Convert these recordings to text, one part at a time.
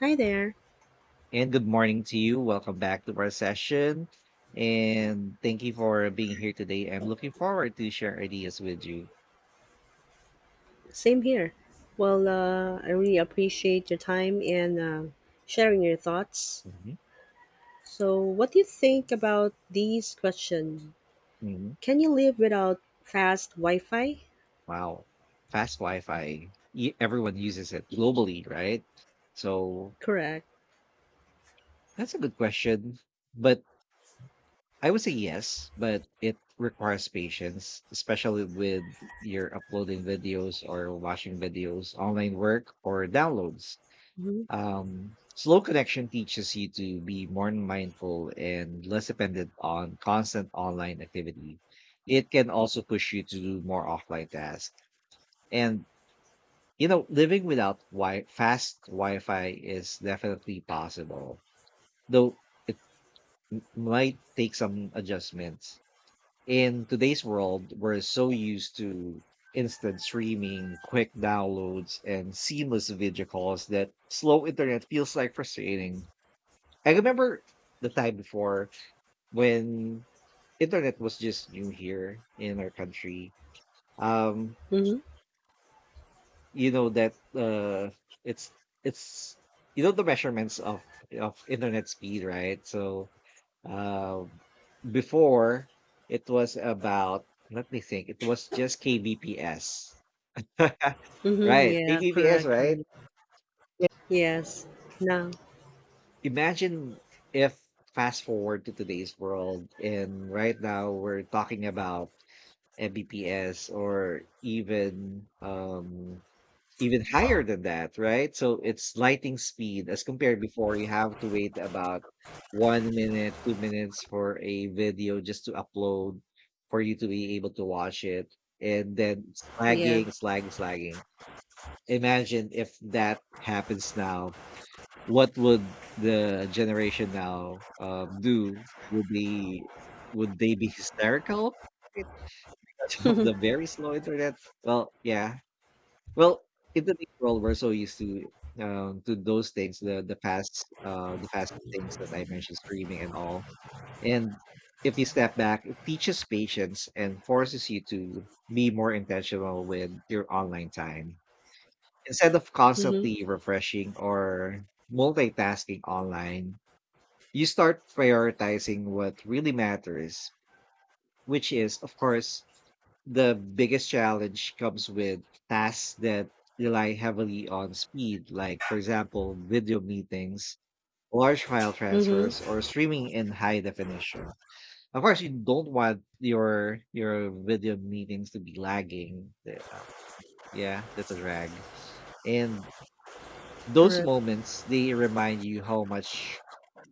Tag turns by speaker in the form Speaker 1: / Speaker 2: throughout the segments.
Speaker 1: Hi there.
Speaker 2: And good morning to you. Welcome back to our session. And thank you for being here today. I'm looking forward to share ideas with you.
Speaker 1: Same here. Well, I really appreciate your time and sharing your thoughts.
Speaker 2: Mhm,
Speaker 1: So, what do you think about these questions?
Speaker 2: mhm.
Speaker 1: Can you live without fast Wi Fi?
Speaker 2: Wow. Fast Wi-Fi. Everyone uses it globally, right? So
Speaker 1: Correct.
Speaker 2: that's a good question. But I would say yes, but it requires patience, especially with your uploading videos or watching videos, online work, or downloads.
Speaker 1: Mm-hmm.
Speaker 2: Slow connection teaches you to be more mindful and less dependent on constant online activity. It can also push you to do more offline tasks. And living without fast Wi Fi is definitely possible, though it might take some adjustments. In today's world, we're so used to instant streaming, quick downloads, and seamless video calls that slow internet feels like frustrating. I remember the time before, when internet was just new here in our country. Um,
Speaker 1: Mm-hmm.
Speaker 2: you know that it's it's the measurements of internet speed, right? Um, Before, it was about, let me think, it was just kbps,
Speaker 1: Mm-hmm.
Speaker 2: right?
Speaker 1: Yeah,
Speaker 2: Kbps,
Speaker 1: correct,
Speaker 2: right?
Speaker 1: correct. Yes. No.
Speaker 2: Imagine if, fast forward to today's world, and right now we're talking about BTS or even even higher than that, right? So it's lightning speed as compared before, you have to wait about 1 minute, 2 minutes for a video just to upload for you to be able to watch it. And then it's
Speaker 1: Yeah.
Speaker 2: lagging, it's lagging, it's lagging. Imagine if that happens now, what would the generation now do? Would they would they be hysterical? Of the very slow internet. Well, yeah. Well, in the world, we're so used to those things, the fast things that I mentioned, streaming and all. And if you step back, it teaches patience and forces you to be more intentional with your online time. Instead of
Speaker 1: Mm-hmm.
Speaker 2: constantly refreshing or multitasking online, you start prioritizing what really matters, which is, of course, the biggest challenge comes with tasks that rely heavily on speed, like, for example, video meetings, large file transfers,
Speaker 1: Mm-hmm.
Speaker 2: or streaming in high definition. Of course, you don't want your video meetings to be lagging. Yeah, that's a drag. And those
Speaker 1: Correct.
Speaker 2: moments, they remind you how much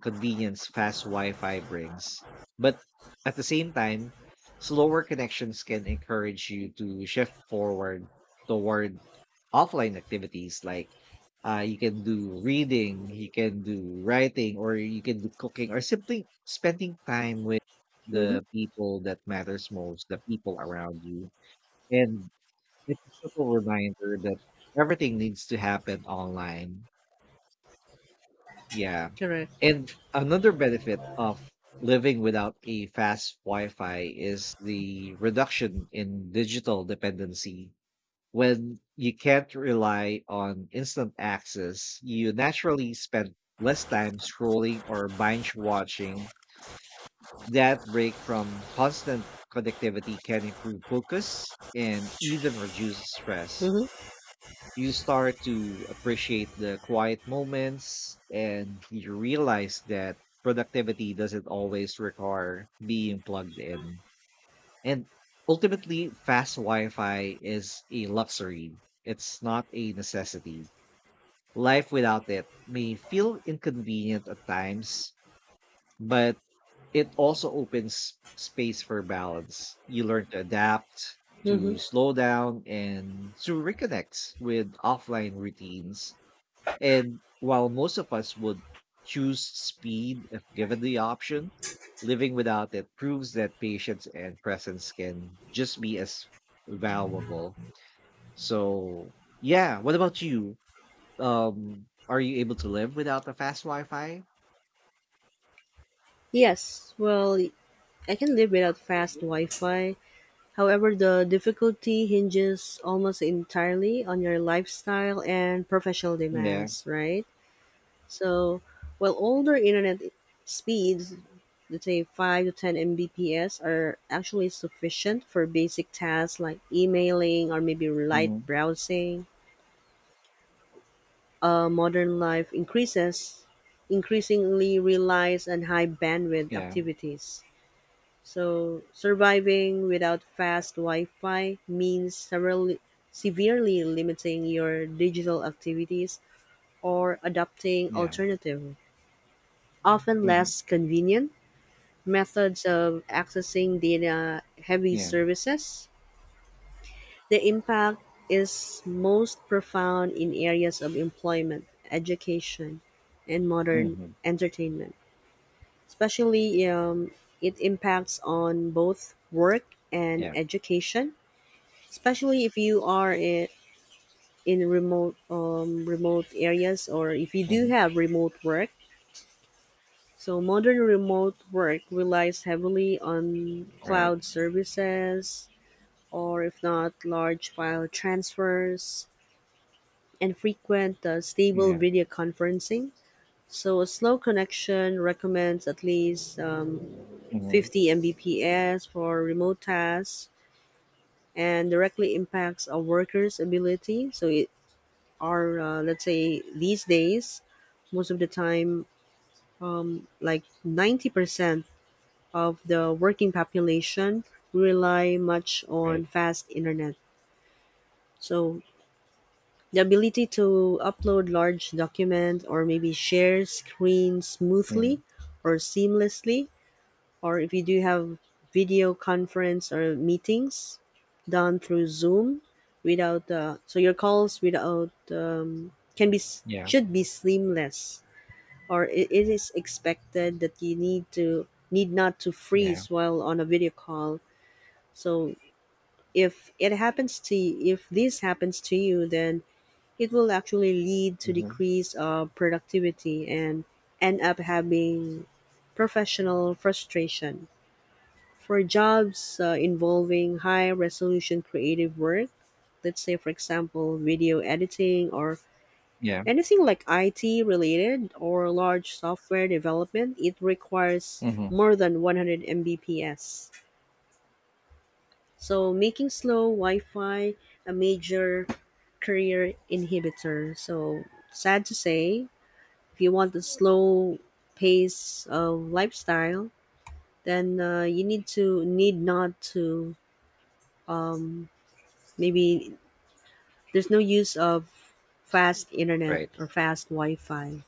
Speaker 2: convenience fast Wi-Fi brings. But at the same time, slower connections can encourage you to shift forward toward offline activities like, you can do reading, you can do writing, or you can do cooking, or simply spending time with
Speaker 1: Mm-hmm.
Speaker 2: the people that matters most, the people around you. And it's a subtle reminder that everything needs to happen online, yeah.
Speaker 1: Correct.
Speaker 2: And another benefit of living without a fast Wi Fi is the reduction in digital dependency. When you can't rely on instant access, you naturally spend less time scrolling or binge watching. That break from constant connectivity can improve focus and even reduce stress.
Speaker 1: Mm-hmm.
Speaker 2: You start to appreciate the quiet moments and you realize that productivity doesn't always require being plugged in. And ultimately, fast Wi Fi is a luxury, it's not a necessity. Life without it may feel inconvenient at times, but it also opens space for balance. You learn to adapt,
Speaker 1: Mm-hmm.
Speaker 2: to slow down, and to reconnect with offline routines. And while most of us would choose speed if given the option, living without it proves that patience and presence can just be as valuable. So, yeah, what about you? Are you able to live without the fast Wi Fi?
Speaker 1: Yes. Well, I can live without fast Wi Fi. However, the difficulty hinges almost entirely on your lifestyle and professional
Speaker 2: Yeah.
Speaker 1: demands, right? So, while older internet speeds, let's say 5 to 10 Mbps, are actually sufficient for basic tasks like emailing or maybe light
Speaker 2: Hmm.
Speaker 1: browsing, modern life increases increasingly relies on high bandwidth
Speaker 2: Yeah.
Speaker 1: activities. So surviving without fast Wi-Fi means severely, severely limiting your digital activities or adopting
Speaker 2: Yeah.
Speaker 1: alternative, often
Speaker 2: Hmm.
Speaker 1: less convenient methods of accessing data-heavy
Speaker 2: Yeah.
Speaker 1: services. The impact is most profound in areas of employment, education, and modern
Speaker 2: Hmm.
Speaker 1: entertainment. Especially, it impacts on both work and
Speaker 2: Yeah.
Speaker 1: education, especially if you are in remote remote areas, or if you do
Speaker 2: Hmm.
Speaker 1: have remote work. So modern remote work relies heavily on
Speaker 2: Right.
Speaker 1: cloud services or if not large file transfers and frequent stable
Speaker 2: Yeah.
Speaker 1: video conferencing. So a slow connection recommends at least
Speaker 2: Hmm.
Speaker 1: 50 Mbps for remote tasks and directly impacts a worker's ability. So it are let's say these days most of the time like 90% of the working population rely much
Speaker 2: Right.
Speaker 1: on fast internet, so the ability to upload large documents or maybe share screens
Speaker 2: Hmm.
Speaker 1: smoothly or seamlessly, or if you do have video conference or meetings done through zoom without so your calls without can be
Speaker 2: Yeah.
Speaker 1: should be seamless, or it is expected that you need to need not to
Speaker 2: Yeah.
Speaker 1: freeze while on a video call. So if this happens to you, then it will actually lead to
Speaker 2: Hmm.
Speaker 1: decrease of productivity and end up having professional frustration for jobs involving high resolution creative work, let's say for example video editing, or
Speaker 2: Yeah.
Speaker 1: anything like IT related or large software development, it requires
Speaker 2: Hmm.
Speaker 1: more than 100 Mbps. So making slow Wi-Fi a major career inhibitor. So sad to say, if you want a slow pace of lifestyle, then you need to need not to um, maybe there's no use of fast internet
Speaker 2: Right.
Speaker 1: or fast Wi-Fi.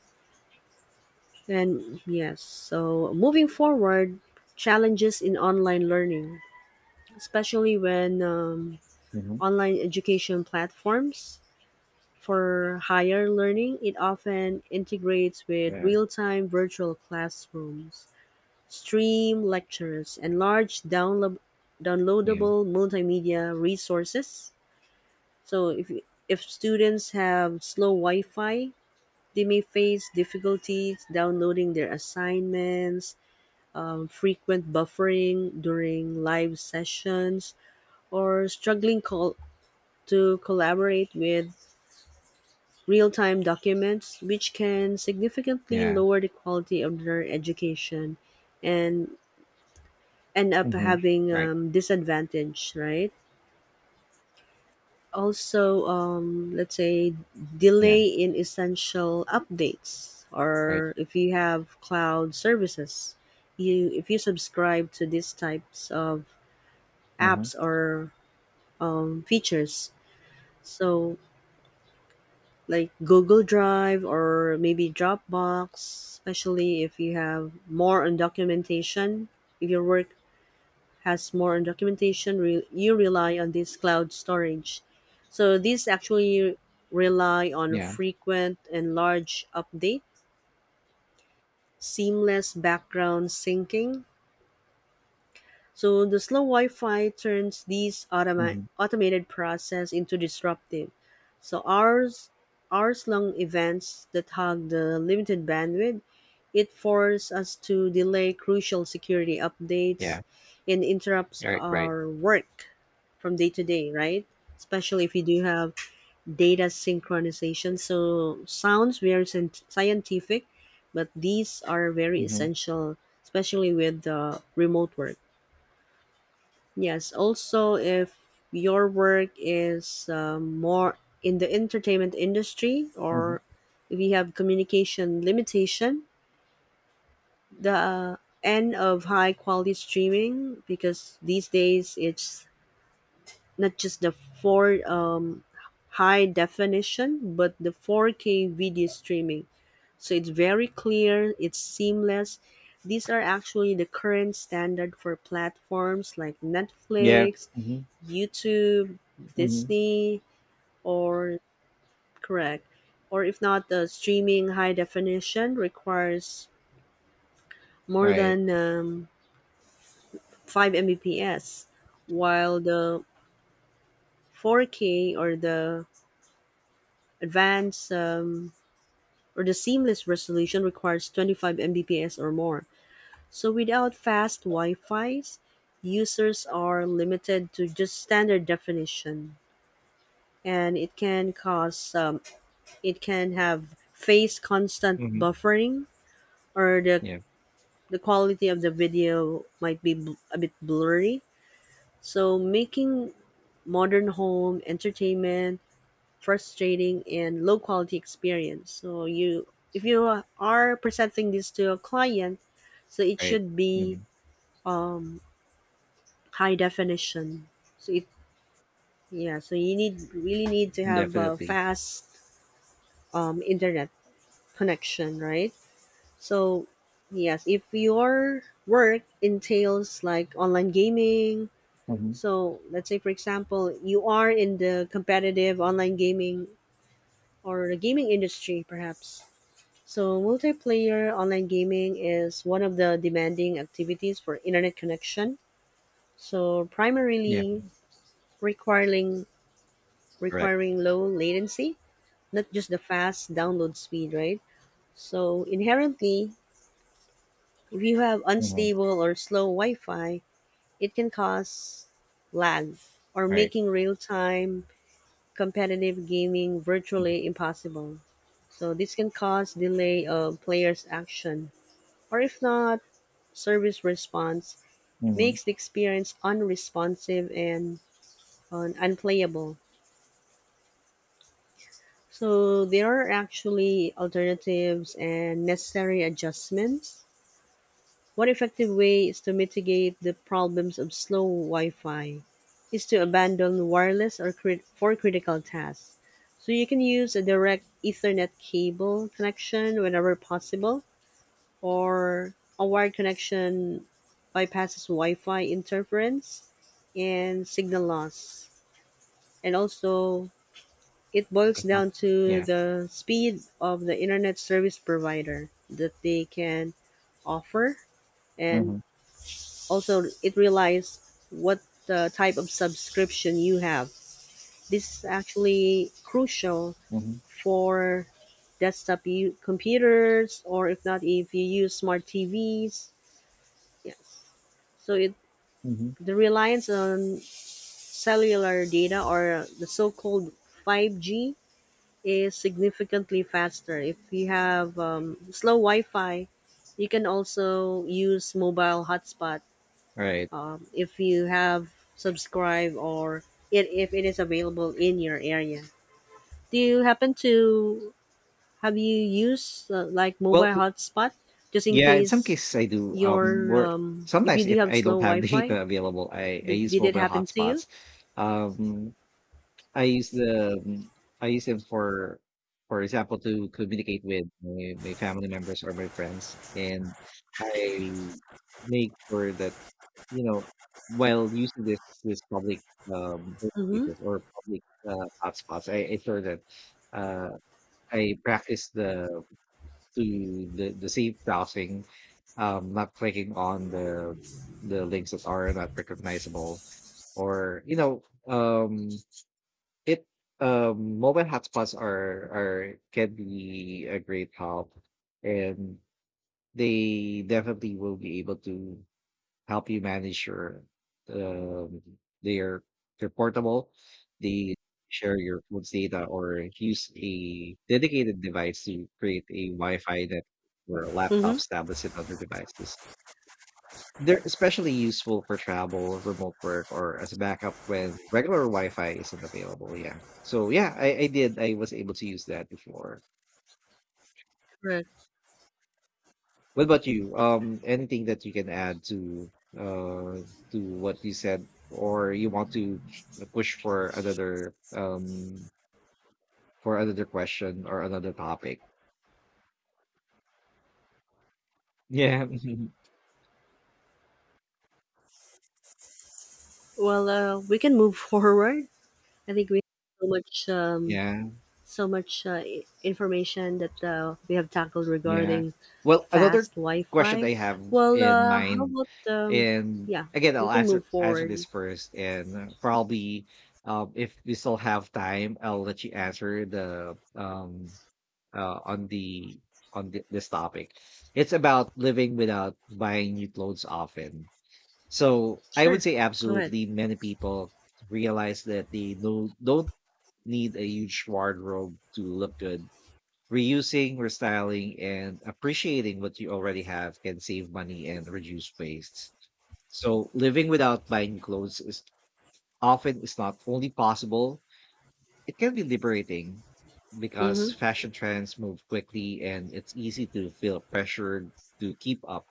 Speaker 1: And yes, so moving forward, challenges in online learning, especially when
Speaker 2: Hmm.
Speaker 1: online education platforms for higher learning, it often integrates with
Speaker 2: Yeah.
Speaker 1: real time virtual classrooms, stream lectures, and large
Speaker 2: Yeah.
Speaker 1: downloadable multimedia resources. So if students have slow Wi Fi, they may face difficulties downloading their assignments, frequent buffering during live sessions, or to collaborate with real time documents, which can significantly
Speaker 2: Yeah.
Speaker 1: lower the quality of their education and end up
Speaker 2: Mhm.
Speaker 1: having
Speaker 2: Right.
Speaker 1: disadvantage, right? Also, let's say
Speaker 2: Yeah.
Speaker 1: delay in essential updates,
Speaker 2: Right.
Speaker 1: or if you have cloud services, you if you subscribe to these types of
Speaker 2: Mhm.
Speaker 1: apps or features. So, like Google Drive or maybe Dropbox, especially if you have more on documentation. If your work has more on documentation, you rely on this cloud storage. So, these actually rely on
Speaker 2: Yeah.
Speaker 1: frequent and large update, seamless background syncing. So the slow Wi-Fi turns these
Speaker 2: Mhm.
Speaker 1: automated process into disruptive. So hours long events that hog the limited bandwidth, it forces us to delay crucial security updates
Speaker 2: Yeah.
Speaker 1: and interrupts
Speaker 2: Right. Right.
Speaker 1: our work from day to day, right? Especially if you do have data synchronization. So sounds very scientific, but these are very
Speaker 2: Mhm.
Speaker 1: essential, especially with the remote work. Yes, also if your work is more in the entertainment industry,
Speaker 2: Mhm.
Speaker 1: or if you have communication limitation, the end of high quality streaming because these days it's not just the four high definition but the 4K video streaming. So it's very clear, it's seamless. These are actually the current standard for platforms like
Speaker 2: Yeah.
Speaker 1: Netflix,
Speaker 2: Mhm.
Speaker 1: YouTube,
Speaker 2: Mhm.
Speaker 1: Disney, or correct, or if not, the streaming high definition requires more
Speaker 2: Right.
Speaker 1: than 5 Mbps, while the 4K or the advanced or the seamless resolution requires 25 Mbps or more. So without fast Wi-Fi's, users are limited to just standard definition, and it can cause it can have face constant
Speaker 2: Hmm.
Speaker 1: buffering, or
Speaker 2: Yeah.
Speaker 1: the quality of the video might be a bit blurry. So making modern home entertainment frustrating and low quality experience. So you, if you are presenting this to a client, so it
Speaker 2: Right.
Speaker 1: should be
Speaker 2: Hmm.
Speaker 1: um, high definition. So it, yeah. So you need really need to have a
Speaker 2: Definitely.
Speaker 1: fast internet connection, right? So, yes, if your work entails like online gaming,
Speaker 2: Mhm.
Speaker 1: so let's say for example, you are in the competitive online gaming or the gaming industry perhaps. So, multiplayer online gaming is one of the demanding activities for internet connection. So,
Speaker 2: Yeah.
Speaker 1: primarily requiring
Speaker 2: Correct.
Speaker 1: requiring low latency, not just the fast download speed, right? So, inherently, if you have
Speaker 2: Mhm.
Speaker 1: unstable or slow Wi-Fi, it can cause lag or
Speaker 2: Right.
Speaker 1: making real-time competitive gaming virtually impossible. So this can cause delay of players' action or if not service response,
Speaker 2: Mhm.
Speaker 1: makes the experience unresponsive and unplayable. So there are actually alternatives and necessary adjustments. One effective way is to mitigate the problems of slow Wi-Fi is to abandon wireless or for critical tasks. So you can use a direct Ethernet cable connection whenever possible, or a wired connection bypasses Wi-Fi interference and signal loss. And also, it boils
Speaker 2: Uh-huh.
Speaker 1: down to
Speaker 2: Yeah.
Speaker 1: the speed of the internet service provider that they can offer, and
Speaker 2: Mhm.
Speaker 1: also it relies what type of subscription you have. This is actually crucial
Speaker 2: Mhm.
Speaker 1: for computers or if not if you use smart TVs. Yes. So it,
Speaker 2: Mhm.
Speaker 1: the reliance on cellular data or the so-called 5G is significantly faster. If you have slow Wi-Fi, you can also use mobile hotspot
Speaker 2: Right.
Speaker 1: if you have subscribed, or it, if it is available in your area. Do you happen to have you used like
Speaker 2: Well,
Speaker 1: mobile hotspot just in
Speaker 2: yeah, in some
Speaker 1: case
Speaker 2: cases I do.
Speaker 1: your
Speaker 2: Where
Speaker 1: if you
Speaker 2: Sometimes
Speaker 1: do
Speaker 2: if
Speaker 1: have
Speaker 2: I
Speaker 1: slow
Speaker 2: don't have data
Speaker 1: Wi-Fi?
Speaker 2: available, I use
Speaker 1: Did it
Speaker 2: mobile
Speaker 1: happen to you?
Speaker 2: hotspots. Um, I use the um, I use them for example, to communicate with my family members or my friends. And I make sure that, you know, while using this public um
Speaker 1: Mm-hmm.
Speaker 2: spaces or public hotspots, I ensure that, uh, I practice the to the the safe browsing, not clicking on the links that are not recognizable, or, you know, um it mobile hotspots are can be a great help, and they definitely will be able to help you manage your, um, their they're portable. They share your phone's data or use a dedicated device to create a Wi-Fi network for
Speaker 1: Mm-hmm.
Speaker 2: laptops, tablets, and other devices. They're especially useful for travel, remote work, or as a backup when regular Wi-Fi isn't available, yeah. So yeah, I did. I was able to use that before.
Speaker 1: Right.
Speaker 2: What about you? Anything that you can add uh to what you said, or you want to push for another question or another topic? Yeah,
Speaker 1: Well, we can move forward. I think we have so much
Speaker 2: yeah.
Speaker 1: so much information that we have tackled
Speaker 2: Yeah.
Speaker 1: regarding
Speaker 2: Well, another
Speaker 1: fast
Speaker 2: question
Speaker 1: Wi-Fi.
Speaker 2: I have
Speaker 1: Well,
Speaker 2: in
Speaker 1: how
Speaker 2: mind,
Speaker 1: about um,
Speaker 2: and
Speaker 1: yeah,
Speaker 2: again,
Speaker 1: we
Speaker 2: I'll
Speaker 1: can move
Speaker 2: answer
Speaker 1: forward.
Speaker 2: this first, and probably, if we still have time, I'll let you answer the uh, on the on this topic. It's about living without buying new clothes often. So I would
Speaker 1: Sure,
Speaker 2: say
Speaker 1: go ahead.
Speaker 2: absolutely, many people realize that they don't need a huge wardrobe to look good. Reusing, restyling, and appreciating what you already have can save money and reduce waste. So, living without buying clothes is not only possible, it can be liberating, because
Speaker 1: Mm-hmm.
Speaker 2: fashion trends move quickly and it's easy to feel pressured to keep up.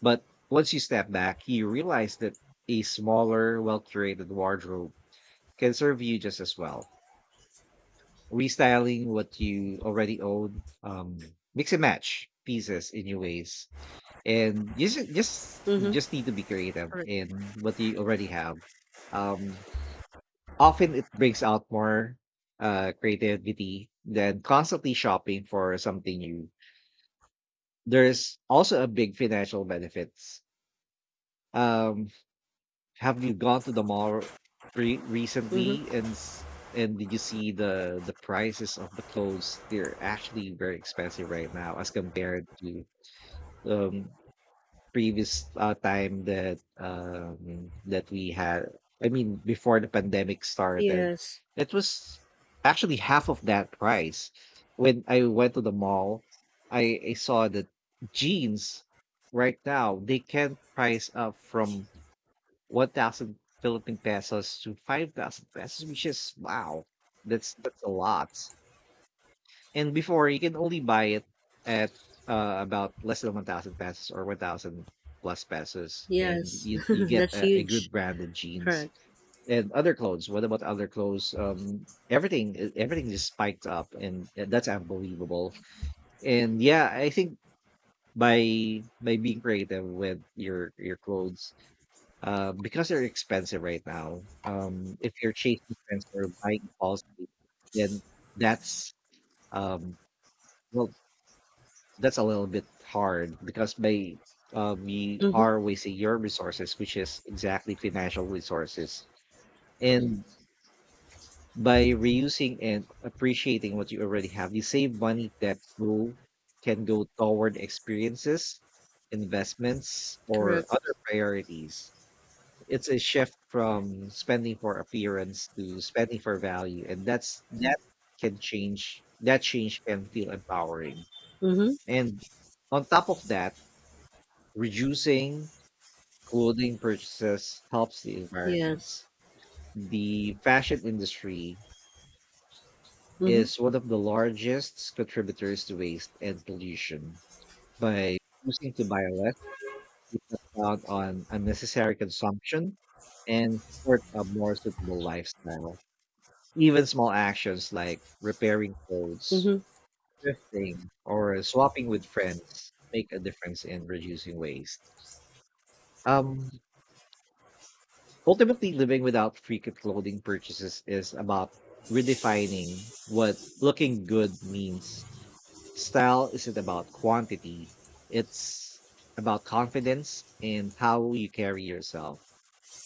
Speaker 2: But once you step back, you realize that a smaller, well curated wardrobe can serve you just as well. Restyling what you already own, mix and match pieces in your ways, and you
Speaker 1: Mm-hmm.
Speaker 2: just need to be creative
Speaker 1: Correct.
Speaker 2: in what you already have. Um, Often it brings out more creativity than constantly shopping for something new. There's also a big financial benefits. Um, Have you gone to the mall recently
Speaker 1: Mm-hmm.
Speaker 2: and did you see the prices of the clothes? They're actually very expensive right now as compared to, um previous time that that we had. I mean, before the pandemic started,
Speaker 1: Yes.
Speaker 2: it was actually half of that price. When I went to the mall, I saw that jeans right now they can price up from 1,000 Philippine pesos to 5,000 pesos, which is, wow, that's a lot. And before you can only buy it at about less than 1,000 pesos or 1,000 plus pesos, and
Speaker 1: Yes.
Speaker 2: you get
Speaker 1: That's
Speaker 2: a good
Speaker 1: huge.
Speaker 2: brand of jeans
Speaker 1: Correct.
Speaker 2: and other clothes. What about other clothes? Everything just spiked up, and that's unbelievable. And yeah, I think by being creative with your clothes, because they're expensive right now, if you're chasing trends or buying impulsively, then that's, um, well, that's a little bit hard because by you
Speaker 1: Mm-hmm.
Speaker 2: are wasting your resources, which is exactly financial resources. And by reusing and appreciating what you already have, you save money that will can go toward experiences, investments, or
Speaker 1: Correct.
Speaker 2: other priorities. It's a shift from spending for appearance to spending for value, and that can change that change can feel empowering.
Speaker 1: Mm-hmm.
Speaker 2: And on top of that, reducing clothing purchases helps the
Speaker 1: Yes.
Speaker 2: environment. The fashion industry
Speaker 1: Mm-hmm.
Speaker 2: is one of the largest contributors to waste and pollution. By choosing to buy less, you cut down on unnecessary consumption and support a more suitable lifestyle. Even small actions like repairing clothes,
Speaker 1: Mm-hmm.
Speaker 2: thrifting, or swapping with friends make a difference in reducing waste. Um, Ultimately, living without frequent clothing purchases is about redefining what looking good means. Style isn't about quantity, it's about confidence and how you carry yourself.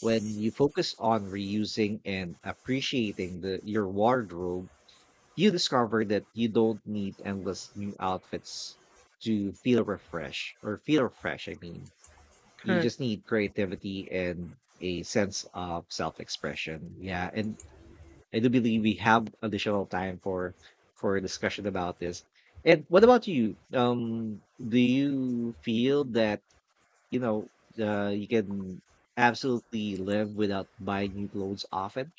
Speaker 2: When you focus on reusing and appreciating your wardrobe, you discover that you don't need endless new outfits to feel refreshed or feel fresh. I mean, you
Speaker 1: Correct.
Speaker 2: just need creativity and a sense of self-expression. Yeah, and I do believe we have additional time for discussion about this. And what about you? Do you feel that, you know, you can absolutely live without buying new clothes often?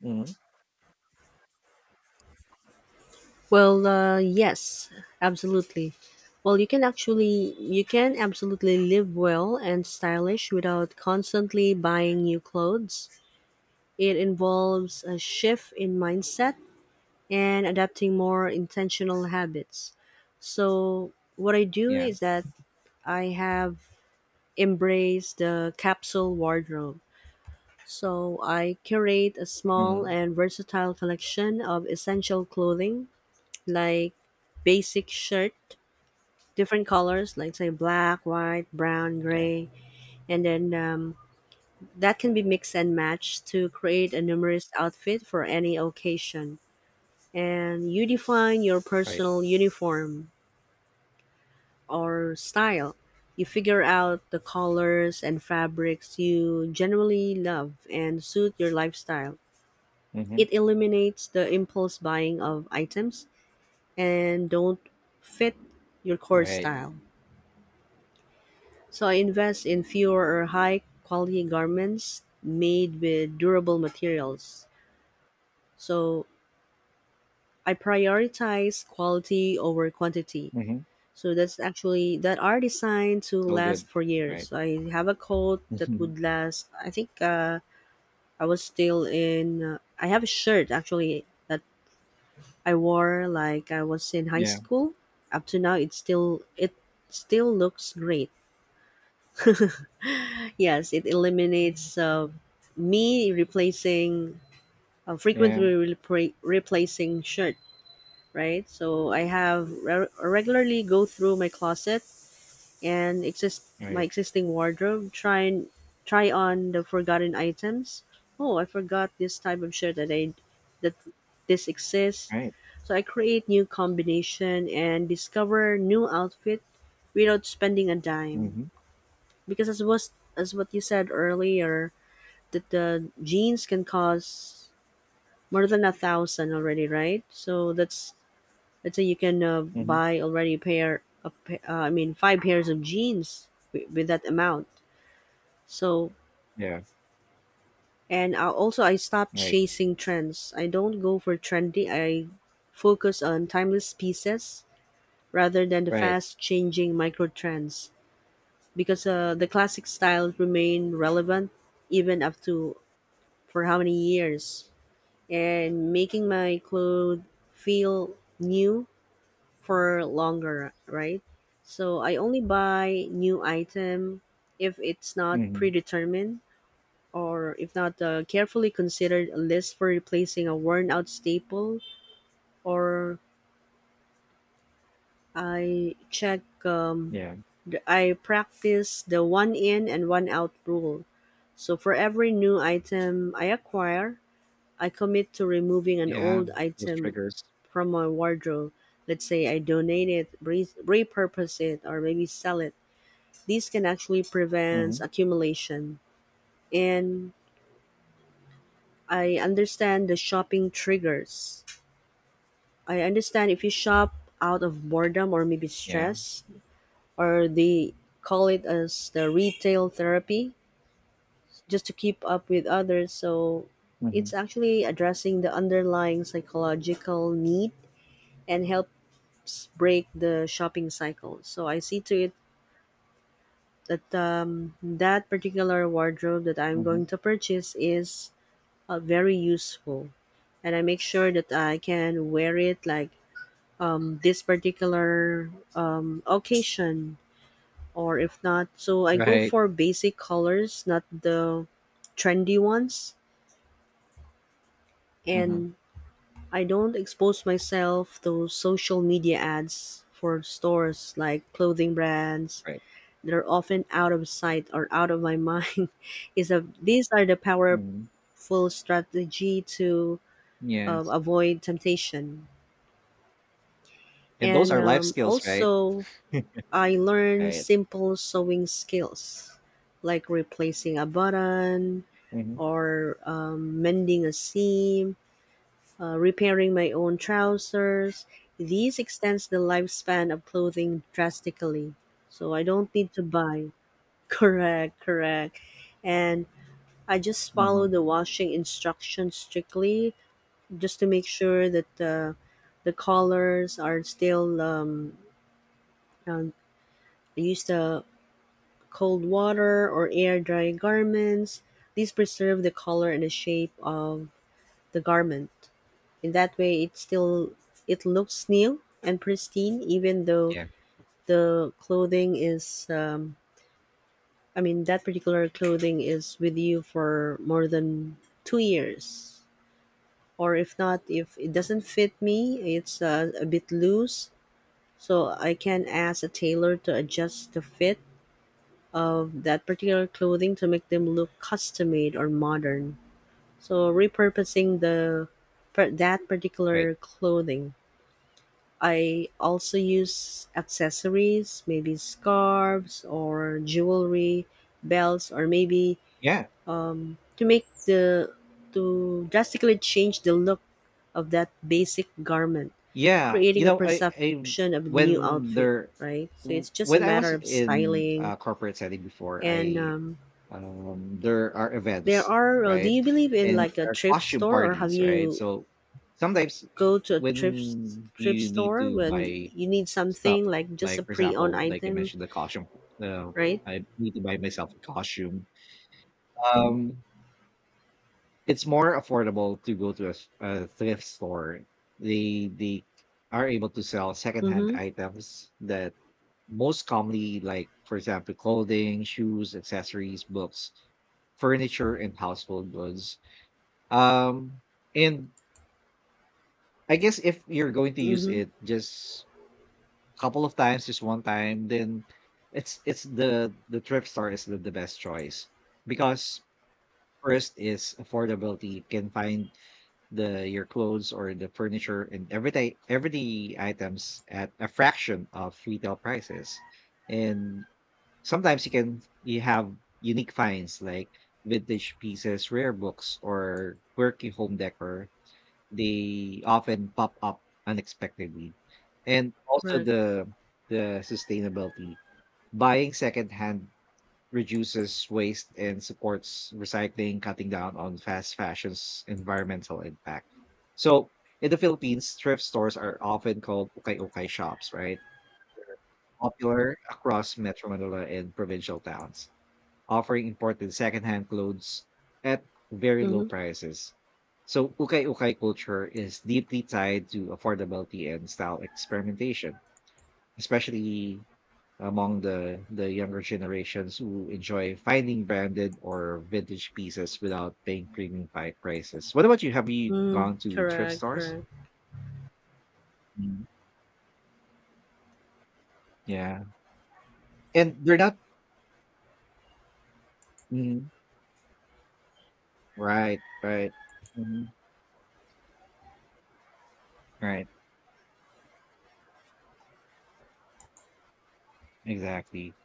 Speaker 2: Hmm.
Speaker 1: Well, yes, absolutely. Well, you can absolutely live well and stylish without constantly buying new clothes. It involves a shift in mindset and adapting more intentional habits. So, what I do
Speaker 2: Yeah.
Speaker 1: is that I have embraced the capsule wardrobe. So, I curate a small
Speaker 2: Hmm.
Speaker 1: and versatile collection of essential clothing like basic shirt different colors, like say black, white, brown,
Speaker 2: Yeah.
Speaker 1: gray, and then that can be mixed and matched to create a numerous outfit for any occasion. And you define your
Speaker 2: Right.
Speaker 1: personal uniform or style. You figure out the colors and fabrics you generally love and suit your lifestyle.
Speaker 2: Hmm.
Speaker 1: It eliminates the impulse buying of items and don't fit your core
Speaker 2: Right.
Speaker 1: style. So I invest in fewer or high quality garments made with durable materials. So I prioritize quality over quantity.
Speaker 2: Hmm.
Speaker 1: So that's actually that are designed to
Speaker 2: It's all good,
Speaker 1: last for
Speaker 2: right?
Speaker 1: years. I have a coat that would last. I think I was still in. I have a shirt actually that I wore like I was in high
Speaker 2: Yeah,
Speaker 1: school. Up to now, it still looks great. Yes, it eliminates me replacing
Speaker 2: yeah,
Speaker 1: replacing shirt, right? So I have regularly go through my closet and exist my
Speaker 2: right,
Speaker 1: existing wardrobe, try on the forgotten items. Oh, I forgot this type of shirt that this exists.
Speaker 2: right.
Speaker 1: So I create new combination and discover new outfit without spending a dime.
Speaker 2: Hmm.
Speaker 1: Because as what you said earlier, that the genes can cause more than a thousand already, right? So that's, let's say you can
Speaker 2: Hmm.
Speaker 1: buy already a pair of I mean five pairs of jeans with that amount. So,
Speaker 2: Yeah,
Speaker 1: and I also I stopped
Speaker 2: right,
Speaker 1: chasing trends. I don't go for trendy. I focus on timeless pieces rather than the
Speaker 2: right.
Speaker 1: fast changing micro trends, because the classic styles remain relevant even up to for how many years, and making my clothes feel new for longer, right? So I only buy new item if it's not
Speaker 2: Hmm.
Speaker 1: predetermined, or if not carefully considered a list for replacing a worn out staple, or I check um,
Speaker 2: Yeah,
Speaker 1: I practice the one in and one out rule. So for every new item I acquire, I commit to removing an
Speaker 2: yeah.
Speaker 1: old
Speaker 2: Those
Speaker 1: item
Speaker 2: triggers.
Speaker 1: from my wardrobe. Let's say I donate it, repurpose it, or maybe sell it. These can actually prevent
Speaker 2: Hmm.
Speaker 1: accumulation. And I understand the shopping triggers. I understand if you shop out of boredom or maybe
Speaker 2: Yeah.
Speaker 1: stress, or they call it as the retail therapy just to keep up with others. So it's
Speaker 2: Hmm.
Speaker 1: actually addressing the underlying psychological need and help break the shopping cycle. So I see to it that that particular wardrobe that I'm
Speaker 2: Hmm.
Speaker 1: going to purchase is very useful, and I make sure that I can wear it like this particular occasion, or if not, so I go
Speaker 2: Right.
Speaker 1: for basic colors, not the trendy ones,
Speaker 2: Hmm.
Speaker 1: and I don't expose myself to social media ads for stores like clothing brands.
Speaker 2: Right.
Speaker 1: They're often out of sight or out of my mind is a, these are the
Speaker 2: Hmm.
Speaker 1: powerful strategy to
Speaker 2: Yes.
Speaker 1: avoid temptation.
Speaker 2: And those
Speaker 1: And
Speaker 2: are life skills, right?
Speaker 1: also, I learned
Speaker 2: Right.
Speaker 1: simple sewing skills like replacing a button
Speaker 2: Hmm.
Speaker 1: or mending a seam, repairing my own trousers. These extends the lifespan of clothing drastically so I don't need to buy. Correct, correct. And I just follow
Speaker 2: Hmm.
Speaker 1: the washing instructions strictly, just to make sure that the collars are still. Um, use the cold water or air dry garments. These preserve the color and the shape of the garment. In that way, it still it looks new and pristine, even though
Speaker 2: Yeah.
Speaker 1: the clothing is. I mean, that particular clothing is with you for more than 2 years. Or if not, if it doesn't fit me, it's a bit loose, so I can ask a tailor to adjust the fit of that particular clothing to make them look custom made or modern, so repurposing that
Speaker 2: Right.
Speaker 1: particular clothing. I also use accessories, maybe scarves or jewelry, belts, or maybe
Speaker 2: Yeah.
Speaker 1: to make the to drastically change the look of that basic garment,
Speaker 2: Yeah, you
Speaker 1: creating a
Speaker 2: know, I
Speaker 1: perception of a new
Speaker 2: when
Speaker 1: outfit, right? So it's just a
Speaker 2: when I was
Speaker 1: matter of
Speaker 2: in
Speaker 1: styling.
Speaker 2: corporate setting before,
Speaker 1: And
Speaker 2: I there are
Speaker 1: there
Speaker 2: events,
Speaker 1: are. Do
Speaker 2: right?
Speaker 1: you believe in
Speaker 2: And
Speaker 1: like a
Speaker 2: there are
Speaker 1: thrift
Speaker 2: costume
Speaker 1: store, or have
Speaker 2: parties, right?
Speaker 1: you
Speaker 2: So sometimes
Speaker 1: go to a
Speaker 2: when
Speaker 1: thrift
Speaker 2: you need
Speaker 1: store
Speaker 2: to
Speaker 1: when
Speaker 2: buy
Speaker 1: you need
Speaker 2: stuff,
Speaker 1: something like just a
Speaker 2: like for
Speaker 1: pre-owned
Speaker 2: example, like I
Speaker 1: item,
Speaker 2: mentioned the costume, uh,
Speaker 1: right?
Speaker 2: I need to buy myself a costume. Um it's more affordable to go to a thrift store. They are able to sell secondhand
Speaker 1: Mm-hmm.
Speaker 2: items that most commonly, like for example, clothing, shoes, accessories, books, furniture, and household goods. Um, and I guess if you're going to use
Speaker 1: Mm-hmm.
Speaker 2: it just a couple of times, just one time, then it's the thrift store is the best choice, because first is affordability. You can find the your clothes or the furniture and everyday items at a fraction of retail prices. And sometimes you have unique finds like vintage pieces, rare books, or quirky home decor. They often pop up unexpectedly. And also
Speaker 1: Correct.
Speaker 2: the sustainability. Buying secondhand reduces waste and supports recycling, cutting down on fast fashion's environmental impact. So, in the Philippines, thrift stores are often called ukay-ukay shops, right? Popular across Metro Manila and provincial towns, offering important secondhand clothes at very low
Speaker 1: Mm-hmm.
Speaker 2: prices. So, ukay-ukay culture is deeply tied to affordability and style experimentation, especially among the younger generations who enjoy finding branded or vintage pieces without paying premium prices. What about you? Have you
Speaker 1: Mm,
Speaker 2: gone to thrift
Speaker 1: correct.
Speaker 2: stores?
Speaker 1: Correct.
Speaker 2: Mm. Yeah, and they're not, mm, right, right, mhm, right, exactly.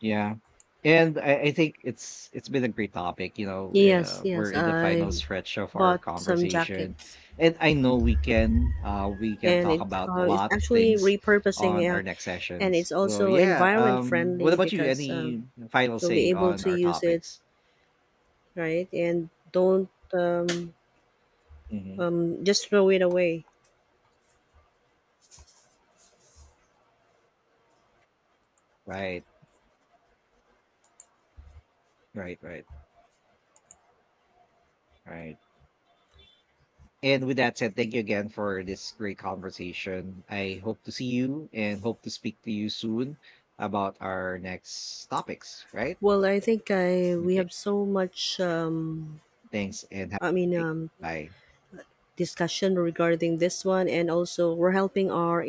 Speaker 2: Yeah. And I think it's been a great topic. You know,
Speaker 1: Yes.
Speaker 2: we're
Speaker 1: Yes.
Speaker 2: in the final
Speaker 1: I
Speaker 2: stretch of our
Speaker 1: bought some
Speaker 2: conversation,
Speaker 1: jackets,
Speaker 2: and I know we can
Speaker 1: and
Speaker 2: talk
Speaker 1: it
Speaker 2: about a
Speaker 1: it's
Speaker 2: lot of
Speaker 1: actually
Speaker 2: things
Speaker 1: repurposing,
Speaker 2: on our next
Speaker 1: and
Speaker 2: sessions.
Speaker 1: it's
Speaker 2: So
Speaker 1: also
Speaker 2: yeah,
Speaker 1: environment
Speaker 2: what
Speaker 1: friendly
Speaker 2: about you?
Speaker 1: because
Speaker 2: Any final
Speaker 1: you'll
Speaker 2: say
Speaker 1: be able
Speaker 2: on
Speaker 1: to
Speaker 2: our
Speaker 1: use it
Speaker 2: topics?
Speaker 1: right and don't
Speaker 2: Hmm.
Speaker 1: just throw it away.
Speaker 2: Right, right, right, right. And with that said, thank you again for this great conversation. I hope to see you and hope to speak to you soon about our next topics. Right.
Speaker 1: Well, I think I we
Speaker 2: Okay.
Speaker 1: have so much.
Speaker 2: Thanks and have
Speaker 1: I mean,
Speaker 2: a good day.
Speaker 1: um,
Speaker 2: Bye.
Speaker 1: discussion regarding this one, and also we're helping our